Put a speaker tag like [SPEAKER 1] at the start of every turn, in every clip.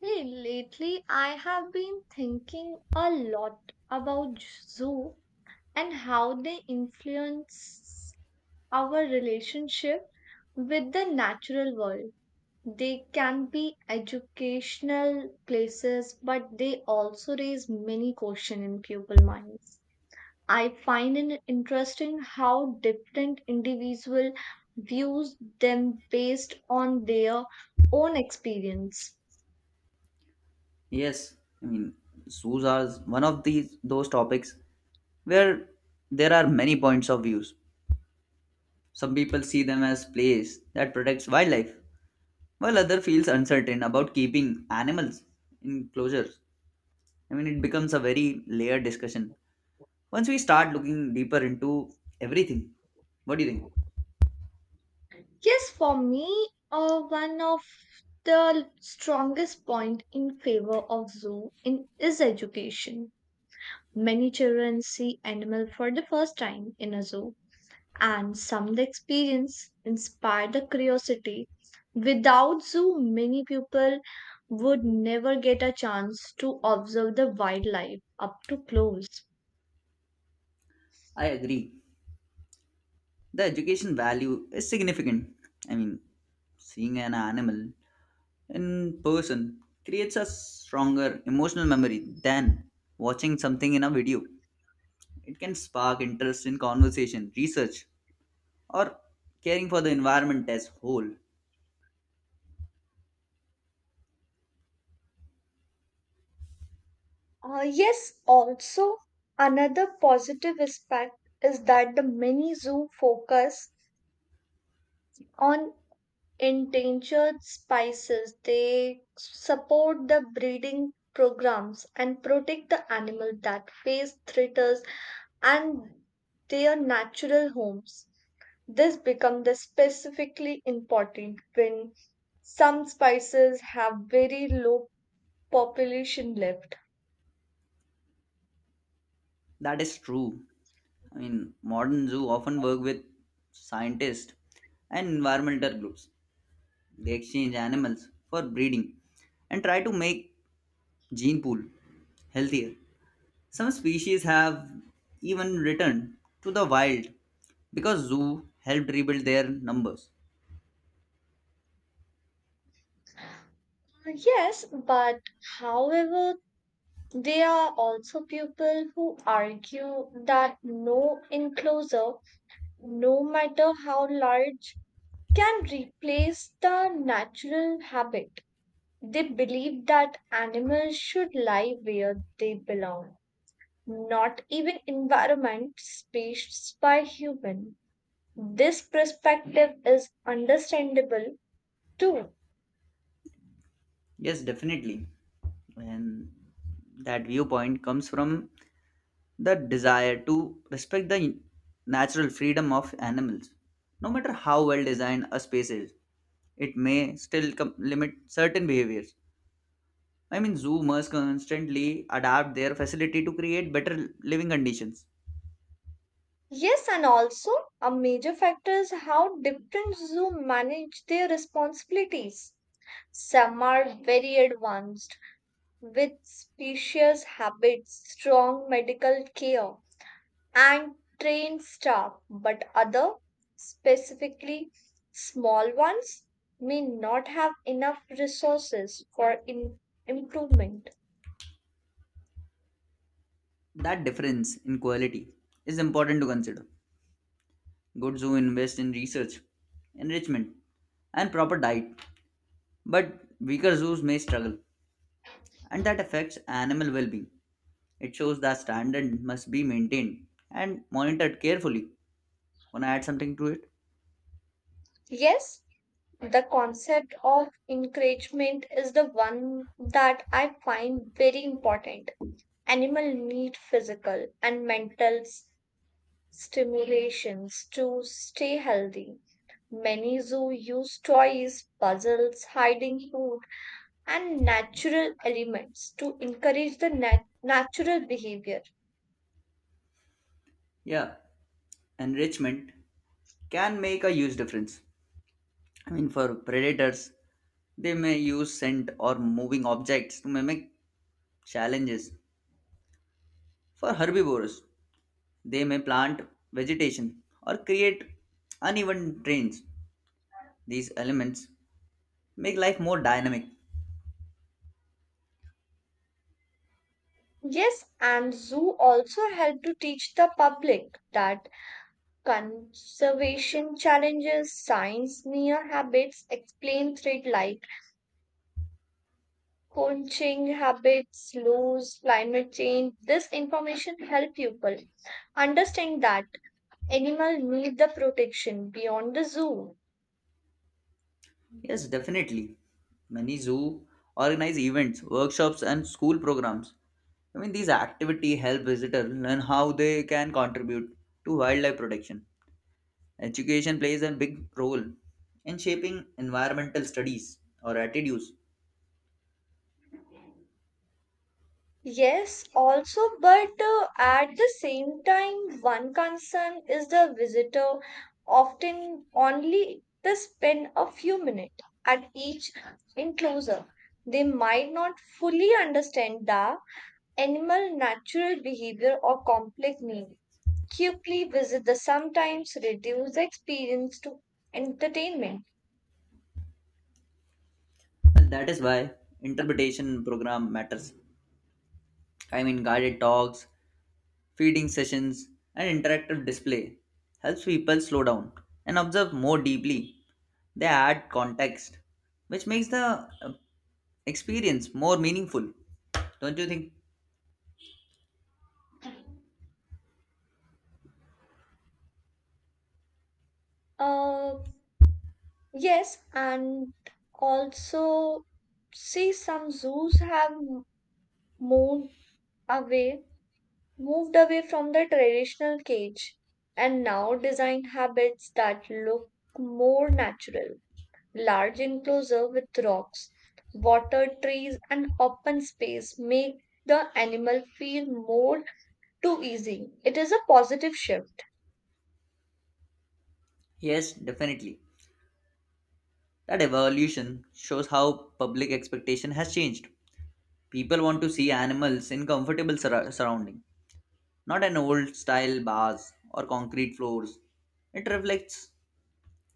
[SPEAKER 1] Hey, lately I have been thinking a lot about zoo and how they influence our relationship with the natural world. They can be educational places, but they also raise many questions in pupil minds. I find it interesting how different individual views them based on their own experience.
[SPEAKER 2] Yes, I mean, zoos are one of these those topics where there are many points of views. Some people see them as place that protects wildlife, while other feels uncertain about keeping animals in closures. I mean, it becomes a very layered discussion once we start looking deeper into everything. What do you think?
[SPEAKER 1] Yes, for me, one of the strongest point in favor of zoo in is education. Many children see animal for the first time in a zoo, and some the experience inspire the curiosity. Without zoo, many people would never get a chance to observe the wildlife up to close.
[SPEAKER 2] I agree. The education value is significant. I mean, seeing an animal in person creates a stronger emotional memory than watching something in a video. It can spark interest in conversation, research, or caring for the environment as whole.
[SPEAKER 1] Yes, also another positive aspect is that the many zoo focus on endangered species. They support the breeding programs and protect the animals that face threats and their natural homes. This becomes the specifically important when some species have very low population left.
[SPEAKER 2] That is true. I mean, modern zoo often work with scientists and environmental groups. They exchange animals for breeding and try to make gene pool healthier. Some species have even returned to the wild because zoo helped rebuild their numbers.
[SPEAKER 1] Yes, but however, there are also people who argue that no enclosure no matter how large, can replace the natural habit. They believe that animals should lie where they belong, not even environment spaced by human. This perspective is understandable too.
[SPEAKER 2] Yes, definitely. And that viewpoint comes from the desire to respect the natural freedom of animals. No matter how well designed a space is, it may still limit certain behaviors. I mean, zoo must constantly adapt their facility to create better living conditions.
[SPEAKER 1] Yes, and also a major factor is how different zoo manage their responsibilities. Some are very advanced with specious habits, strong medical care, and trained staff, but other, specifically small ones, may not have enough resources for improvement.
[SPEAKER 2] That difference in quality is important to consider. Good zoos invest in research, enrichment, and proper diet, but weaker zoos may struggle, and that affects animal well being. It shows that standard must be maintained and monitored carefully. Wanna add something to it?
[SPEAKER 1] Yes, the concept of encouragement is the one that I find very important. Animal need physical and mental stimulations to stay healthy. Many zoo use toys, puzzles, hiding food, and natural elements to encourage the natural behavior.
[SPEAKER 2] Yeah, enrichment can make a huge difference. I mean, for predators, they may use scent or moving objects to mimic challenges. For herbivores, they may plant vegetation or create uneven terrains. These elements make life more dynamic.
[SPEAKER 1] Yes, and zoo also help to teach the public that conservation challenges science near habits, explain threat like poaching habits, loss, climate change. This information help people understand that Animal need the protection beyond the zoo.
[SPEAKER 2] Yes, definitely. Many zoo organize events, workshops, and school programs. I mean, these activity help visitors learn how they can contribute to wildlife protection. Education plays a big role in shaping environmental studies or attitudes.
[SPEAKER 1] Yes, also, but at the same time, one concern is the visitor often only to spend a few minutes at each enclosure. They might not fully understand the animal natural behavior or complex need. Quickly visit the sometimes reduce the experience to entertainment.
[SPEAKER 2] And that is why interpretation program matters. I mean, guided talks feeding sessions, and interactive display helps people slow down and observe more deeply. They add context, which makes the experience more meaningful. Don't you think?
[SPEAKER 1] Uh, Yes, and also see some zoos have moved away, moved away from the traditional cage and now design habits that look more natural. Large enclosure with rocks, water, trees, and open space make the animal feel more too easy. It is a positive shift.
[SPEAKER 2] Yes, definitely. That evolution shows how public expectation has changed. People want to see animals in comfortable surrounding, not an old style bars or concrete floors. It reflects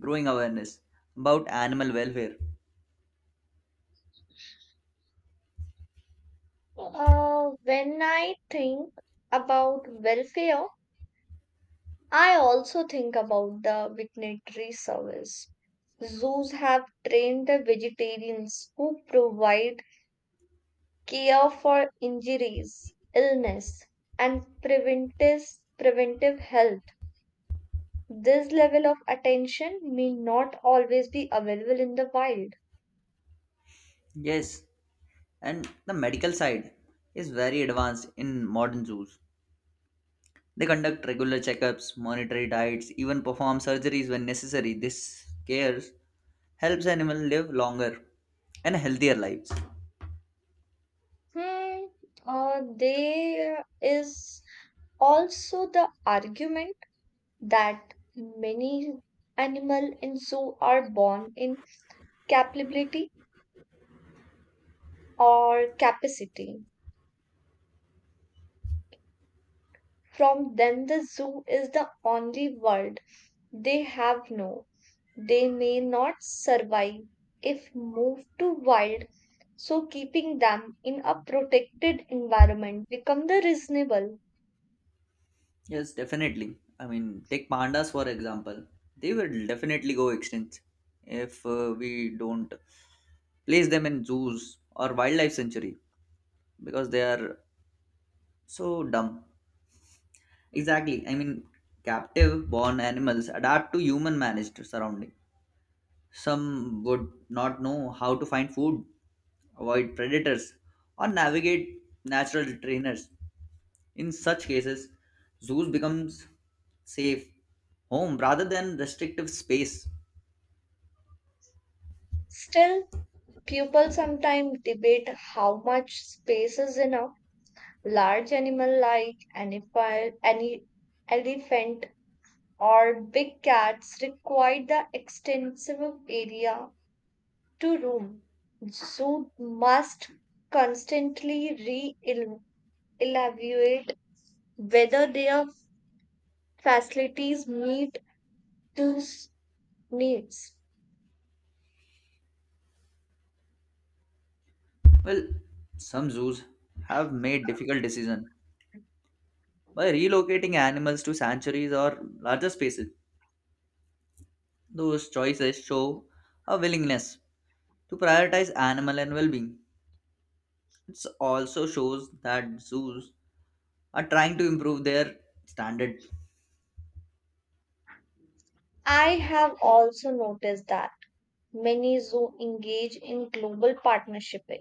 [SPEAKER 2] growing awareness about animal welfare.
[SPEAKER 1] When I think about welfare, I also think about the veterinary service. Zoos have trained the vegetarians who provide care for injuries, illness, and preventive health. This level of attention may not always be available in the wild.
[SPEAKER 2] Yes, and the medical side is very advanced in modern zoos. They conduct regular checkups, monitor diets, even perform surgeries when necessary. This care helps animals live longer and healthier lives.
[SPEAKER 1] Hmm. There is also the argument that many animal in zoo are born in capability or capacity. From them, the zoo is the only world they have no. They may not survive if moved to wild, so keeping them in a protected environment become the reasonable.
[SPEAKER 2] Yes, definitely. I mean, take pandas for example. They will definitely go extinct if we don't place them in zoos or wildlife sanctuary because they are so dumb. Exactly. I mean, captive born animals adapt to human managed surrounding. Some would not know how to find food, avoid predators, or navigate natural trainers. In such cases, zoos becomes safe home rather than restrictive space.
[SPEAKER 1] Still, people sometimes debate how much space is enough. Large animal like any elephant or big cats require the extensive area to Rome. Zoe must constantly re evaluate whether their facilities meet those needs.
[SPEAKER 2] Well, some zoos have made difficult decision by relocating animals to sanctuaries or larger spaces. Those choices show a willingness to prioritize animal and well-being. It also shows that zoos are trying to improve their standard.
[SPEAKER 1] I have also noticed that many zoo engage in global partnershiping.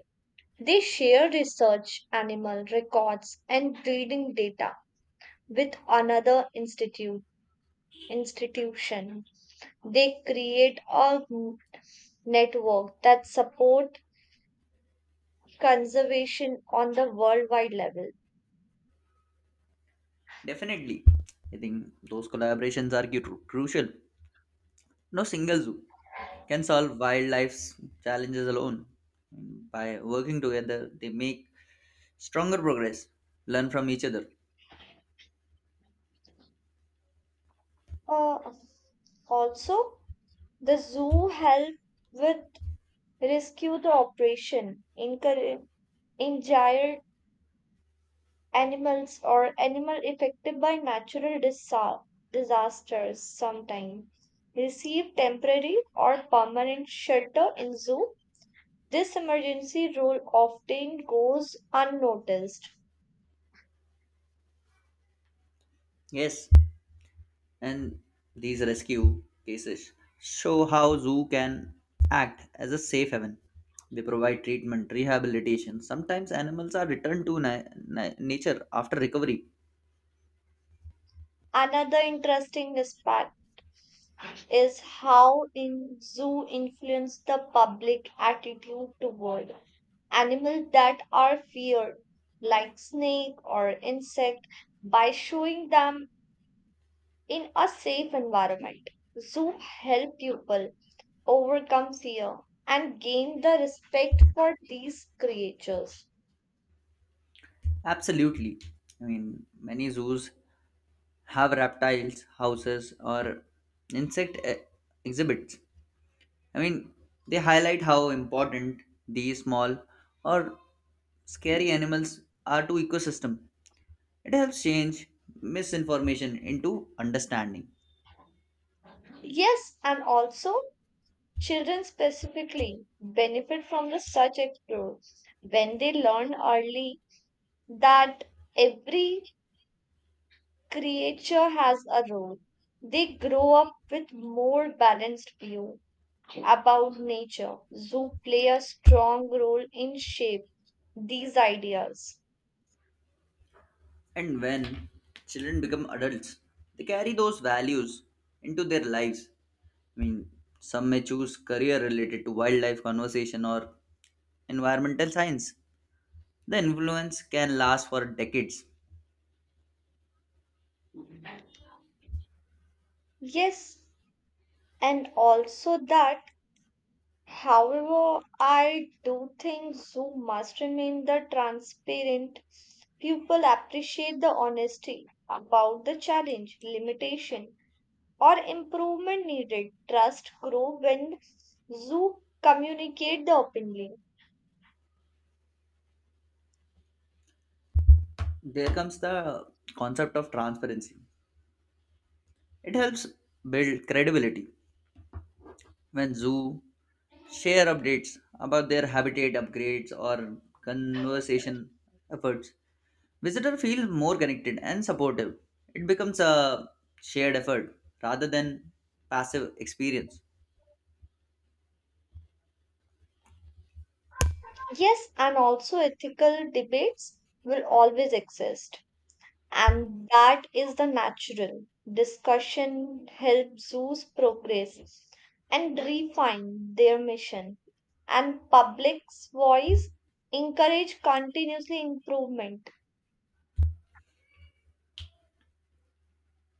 [SPEAKER 1] They share research, animal records, and breeding data with another institute institution. They create a network that support conservation on the worldwide level.
[SPEAKER 2] Definitely, I think those collaborations are crucial. No single zoo can solve wildlife's challenges alone. By working together, they make stronger progress, learn from each other.
[SPEAKER 1] Uh, also, the zoo helped with rescue the operation, injured animals or animal affected by natural disasters. Sometimes, receive temporary or permanent shelter in zoo. This emergency role often goes unnoticed.
[SPEAKER 2] Yes, and these rescue cases show how zoo can act as a safe haven. They provide treatment, rehabilitation. Sometimes animals are returned to nature after recovery.
[SPEAKER 1] Another interesting aspect is how in zoo influence the public attitude toward animals that are feared, like snake or insect, by showing them in a safe environment. Zoo help people overcome fear and gain the respect for these creatures.
[SPEAKER 2] Absolutely. I mean, many zoos have reptiles, houses, or insect exhibits. I mean, they highlight how important these small or scary animals are to ecosystem. It helps change misinformation into understanding.
[SPEAKER 1] Yes, and also children specifically benefit from the such explore when they learn early that every creature has a role. They grow up with more balanced view about nature. Zoo play a strong role in shape these ideas.
[SPEAKER 2] And when children become adults, they carry those values into their lives. I mean, some may choose career related to wildlife conservation or environmental science. The influence can last for decades.
[SPEAKER 1] Yes, and also that, however, I do think zoo must remain the transparent. People appreciate the honesty about the challenge, limitation, or improvement needed. Trust grow when you communicate the openly.
[SPEAKER 2] There comes the concept of transparency. It helps build credibility when zoo share updates about their habitat upgrades or conservation efforts. Visitor feels more connected and supportive. It becomes a shared effort rather than passive experience.
[SPEAKER 1] Yes, and also ethical debates will always exist. And that is the natural. Discussion helps zoos progress and refine their mission. And public's voice encourage continuously improvement.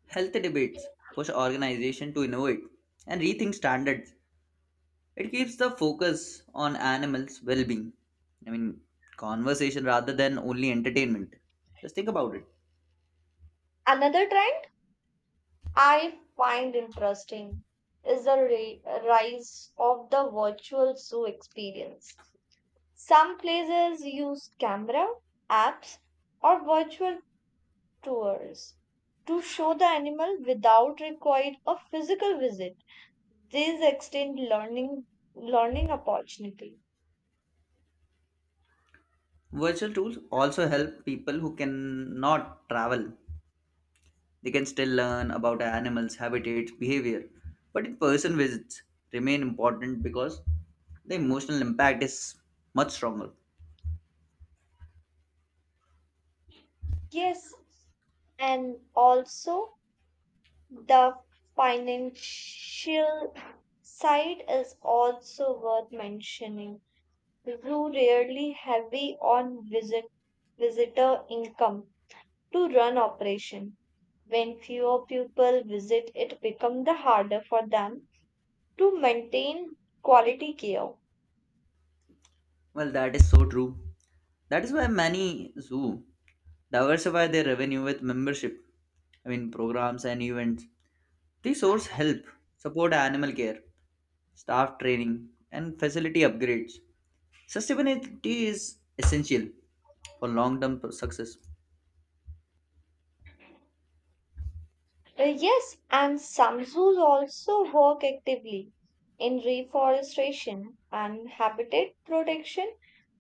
[SPEAKER 2] Healthy debates push organization to innovate and rethink standards. It keeps the focus on animals' well-being. I mean, conversation rather than only entertainment. Just think about it.
[SPEAKER 1] Another trend I find interesting is the rise of the virtual zoo experience. Some places use camera, apps, or virtual tours to show the animal without required a physical visit. These extend learning opportunity.
[SPEAKER 2] Virtual tools also help people who cannot travel. They can still learn about animals' habitats, behavior, but in person visits remain important because the emotional impact is much stronger.
[SPEAKER 1] Yes, and also the financial side is also worth mentioning who rarely heavy on visitor income to run operation. When fewer people visit, it becomes the harder for them to maintain quality care.
[SPEAKER 2] Well, that is so true. That is why many zoo diversify their revenue with membership, I mean, programs and events. These sources help support animal care, staff training, and facility upgrades. Sustainability is essential for long term success.
[SPEAKER 1] Yes, and some zoos also work actively in reforestation and habitat protection.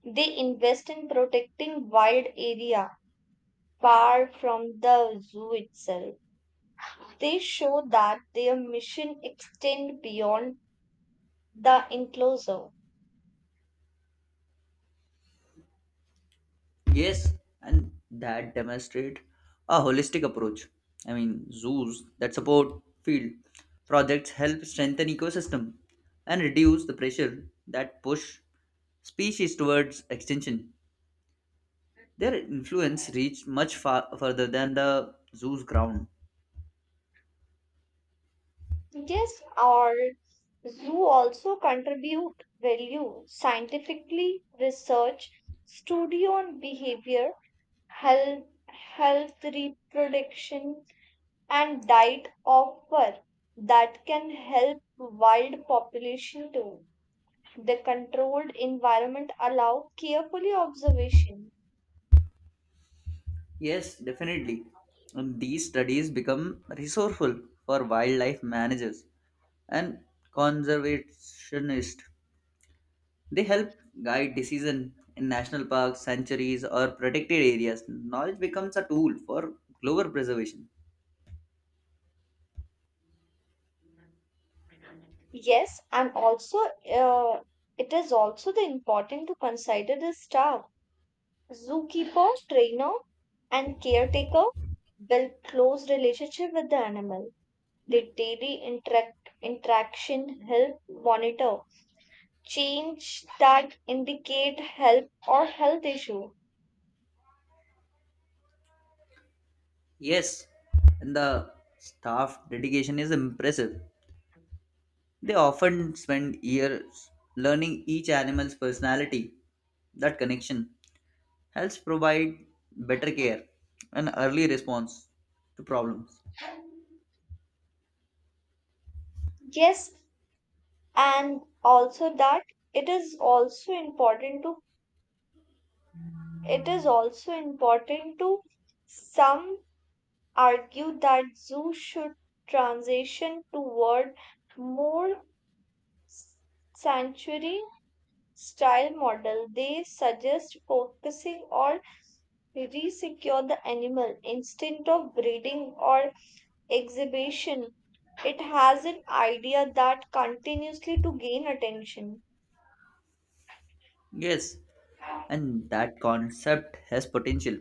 [SPEAKER 1] They invest in protecting wild area far from the zoo itself. They show that their mission extend beyond the enclosure.
[SPEAKER 2] Yes, and that demonstrate a holistic approach. I mean, zoos that support field projects help strengthen ecosystem and reduce the pressure that push species towards extinction. Their influence reached much far further than the zoo's ground.
[SPEAKER 1] Yes, our zoo also contribute value scientifically research study on behavior, health reproduction, and diet offer that can help wild population too. The controlled environment allow carefully observation.
[SPEAKER 2] Yes, definitely. And these studies become resourceful for wildlife managers and conservationists. They help guide decision in national parks, sanctuaries, or protected areas. Knowledge becomes a tool for global preservation.
[SPEAKER 1] Yes, and also uh, it is also the important to consider the staff, zookeeper, trainer, and caretaker build close relationship with the animal. The daily interaction help monitor change that indicate help or health issue.
[SPEAKER 2] Yes, and the staff dedication is impressive. They often spend years learning each animal's personality. That connection helps provide better care and early response to problems.
[SPEAKER 1] Yes, and also that it is also important to it is also important to some argued that zoos should transition toward more sanctuary style model they suggest focusing or resecure the animal instead of breeding or exhibition it has an idea that continuously to gain attention.
[SPEAKER 2] Yes, and that concept has potential,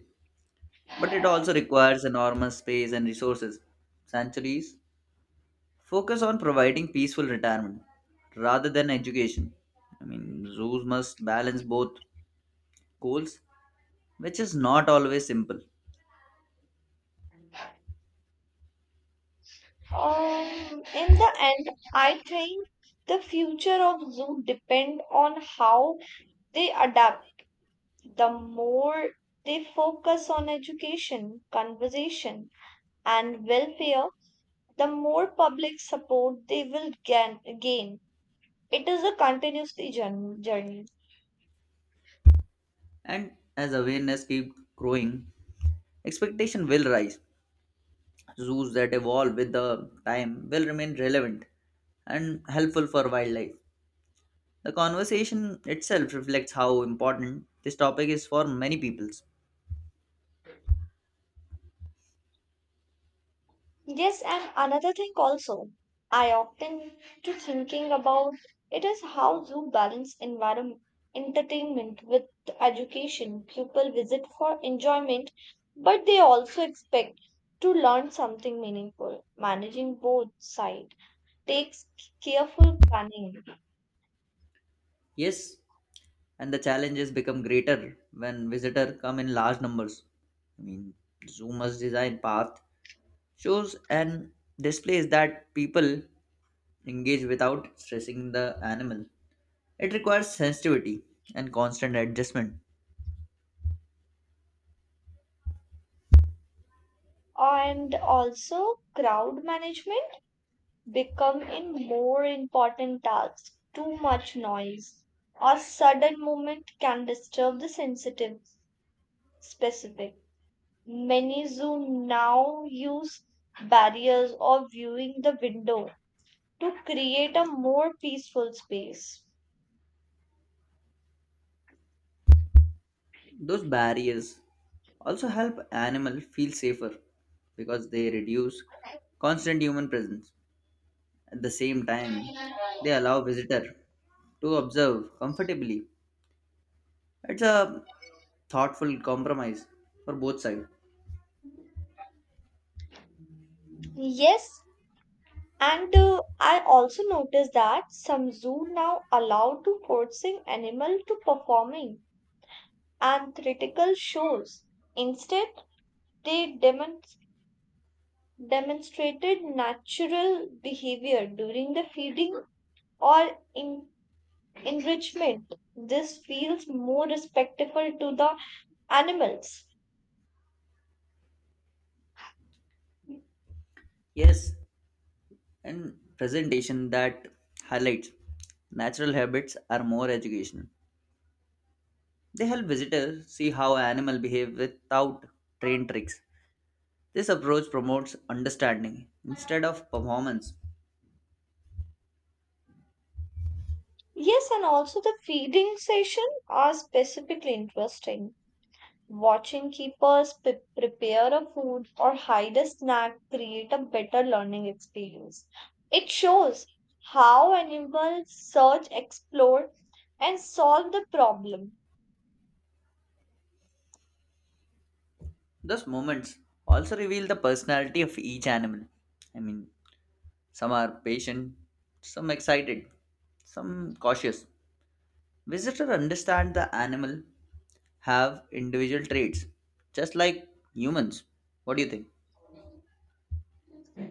[SPEAKER 2] but it also requires enormous space and resources. Sanctuaries focus on providing peaceful retirement rather than education. I mean, zoos must balance both goals, which is not always simple.
[SPEAKER 1] In the end, I think the future of zoo depend on how they adapt the more they focus on education, conservation, and welfare, the more public support they will gain. It is a continuous journey.
[SPEAKER 2] And as awareness keeps growing, expectation will rise. Zoos that evolve with the time will remain relevant and helpful for wildlife. The conversation itself reflects how important this topic is for many peoples.
[SPEAKER 1] Yes, and another thing also, I often to thinking about it is how you balance environment entertainment with education. People visit for enjoyment, but they also expect to learn something meaningful. Managing both sides takes careful planning.
[SPEAKER 2] Yes, and the challenges become greater when visitors come in large numbers. I mean, Zoomer's design path shows and displays that people engage without stressing the animal. It requires sensitivity and constant adjustment.
[SPEAKER 1] And also crowd management become in more important tasks too much noise or sudden movement can disturb the sensitive specific many zoom now use barriers or viewing the window to create a more peaceful space.
[SPEAKER 2] Those barriers also help animal feel safer because they reduce constant human presence. At the same time, they allow visitor to observe comfortably. It's a thoughtful compromise for both sides.
[SPEAKER 1] Yes. And I also noticed that some zoo now allow to forcing animal to performing and theatrical shows. Instead, they demonstrated natural behavior during the feeding or en- enrichment. This feels more respectful to the animals.
[SPEAKER 2] Yes, and presentation that highlights natural habits are more educational. They help visitors see how animals behave without trained tricks. This approach promotes understanding instead of performance.
[SPEAKER 1] Yes, and also the feeding session are specifically interesting. Watching keepers prepare a food or hide a snack create a better learning experience. It shows how animals search, explore, and solve the problem.
[SPEAKER 2] Those moments also reveal the personality of each animal. I mean, some are patient, some excited, some cautious. Visitor understand the animal have individual traits just like humans. What do you think?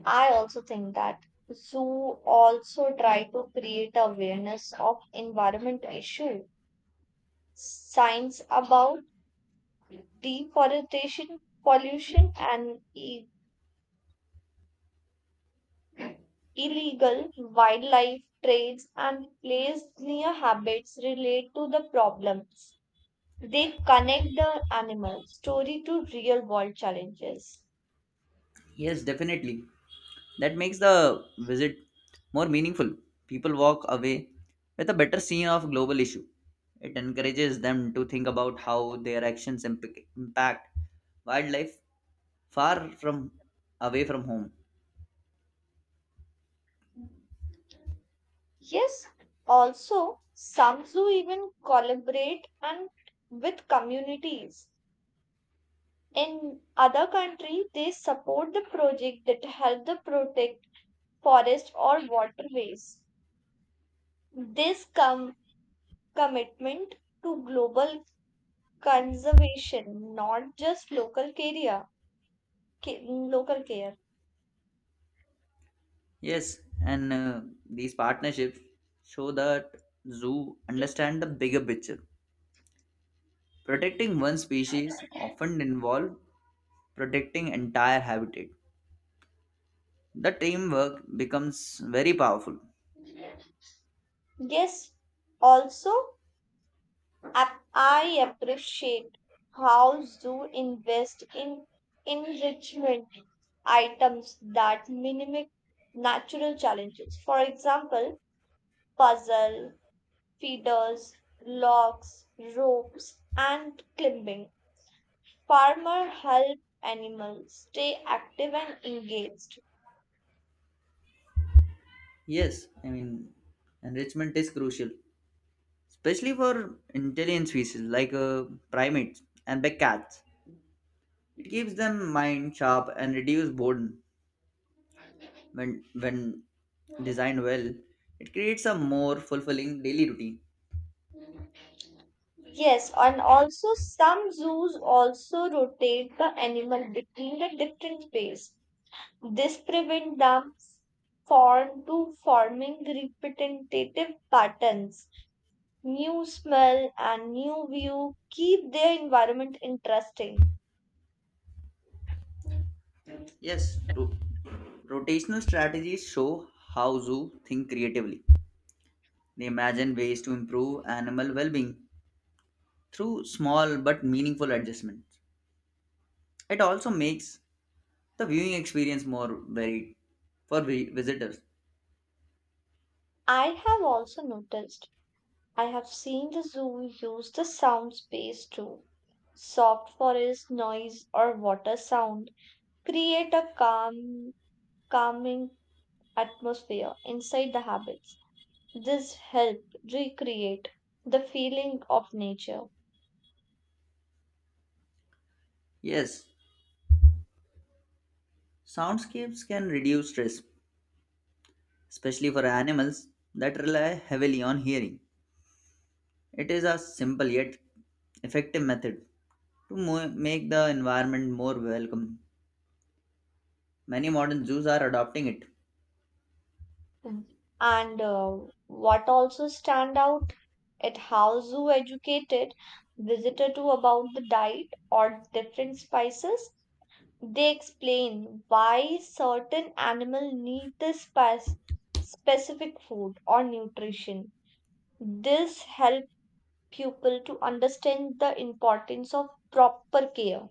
[SPEAKER 1] I also think that zoo also try to create awareness of environmental issue, signs about deforestation, pollution, and Illegal wildlife trades and place near habits relate to the problems. They connect the animal story to real world challenges.
[SPEAKER 2] Yes, definitely. That makes the visit more meaningful. People walk away with a better scene of global issue. It encourages them to think about how their actions impact wildlife far from away from home.
[SPEAKER 1] Yes, also some zoo even collaborate and with communities. In other country, they support the project that help the protect forest or waterways. This commitment to global conservation, not just local care. Local care.
[SPEAKER 2] Yes, and these partnerships show that zoo understand the bigger picture protecting one species often involve protecting entire habitat. The teamwork becomes very powerful.
[SPEAKER 1] Yes, also I appreciate how zoo invest in enrichment items that mimic natural challenges. For example, puzzle, feeders, logs, ropes, and climbing. Farmer help animals stay active and engaged.
[SPEAKER 2] Yes, I mean, enrichment is crucial, especially for intelligent species like primates and big cats. It keeps them mind sharp and reduce boredom. When designed well, it creates a more fulfilling daily routine.
[SPEAKER 1] Yes, and also some zoos also rotate the animal between the different pairs. This prevents them from to forming repetitive patterns. New smell and new view keep their environment interesting.
[SPEAKER 2] Yes, rotational strategies show how zoo think creatively. They imagine ways to improve animal well-being through small but meaningful adjustments. It also makes the viewing experience more varied for visitors.
[SPEAKER 1] I have also noticed I have seen the zoo use the sound space too. Soft forest noise or water sound create a calming atmosphere inside the habits. This helped recreate the feeling of nature.
[SPEAKER 2] Yes, soundscapes can reduce stress, especially for animals that rely heavily on hearing. It is a simple yet effective method to make the environment more welcome. Many modern zoos are adopting it.
[SPEAKER 1] Mm. And what also stand out at how zoo educated visitor to about the diet or different spices. They explain why certain animal need this spice, specific food or nutrition. This help pupil to understand the importance of proper care.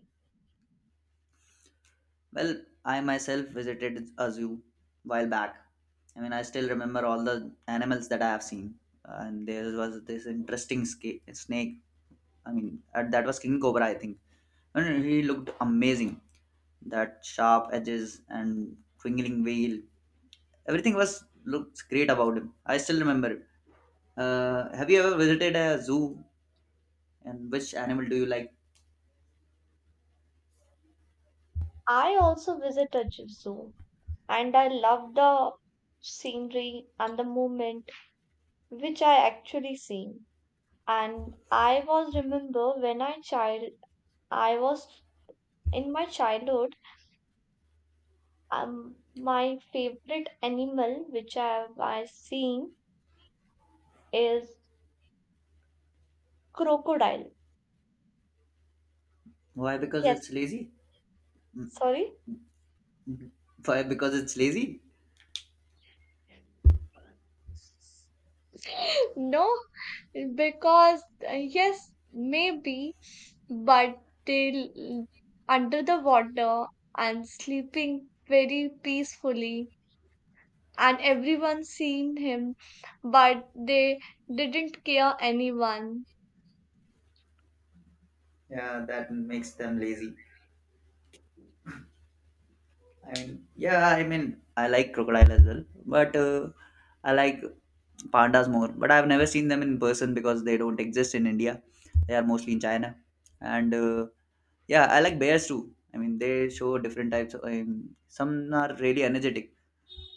[SPEAKER 2] Well, I myself visited a zoo while back. I mean, I still remember all the animals that I have seen. And there was this interesting snake. I mean, that was King Cobra, I think. And he looked amazing. That sharp edges and twinkling veil. Everything was looks great about him. I still remember it. Have you ever visited a zoo? And which animal do you like?
[SPEAKER 1] I also visit a zoo and I love the scenery and the movement which I actually see. And I was in my childhood. My favorite animal which I seen is crocodile.
[SPEAKER 2] Why? Because
[SPEAKER 1] Yes,
[SPEAKER 2] it's lazy.
[SPEAKER 1] sorry.
[SPEAKER 2] Why? Because it's lazy.
[SPEAKER 1] No, because yes, maybe but under the water and sleeping very peacefully and everyone seen him but they didn't care anyone.
[SPEAKER 2] Yeah, that makes them lazy. I mean, yeah, I mean, I like crocodile as well, but I like pandas more. But I've never seen them in person because they don't exist in India. They are mostly in China. And yeah, I like bears too. I mean, they show different types. Of, some are really energetic,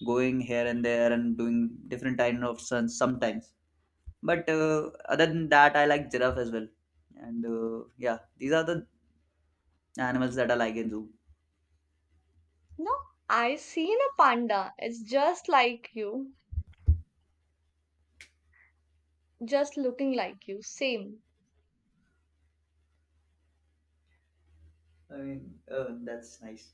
[SPEAKER 2] going here and there and doing different kind of stunts sometimes. But other than that, I like giraffe as well. And yeah, these are the animals that I like in zoo.
[SPEAKER 1] No, I seen a panda it's just like you just looking like you same.
[SPEAKER 2] I mean, that's nice.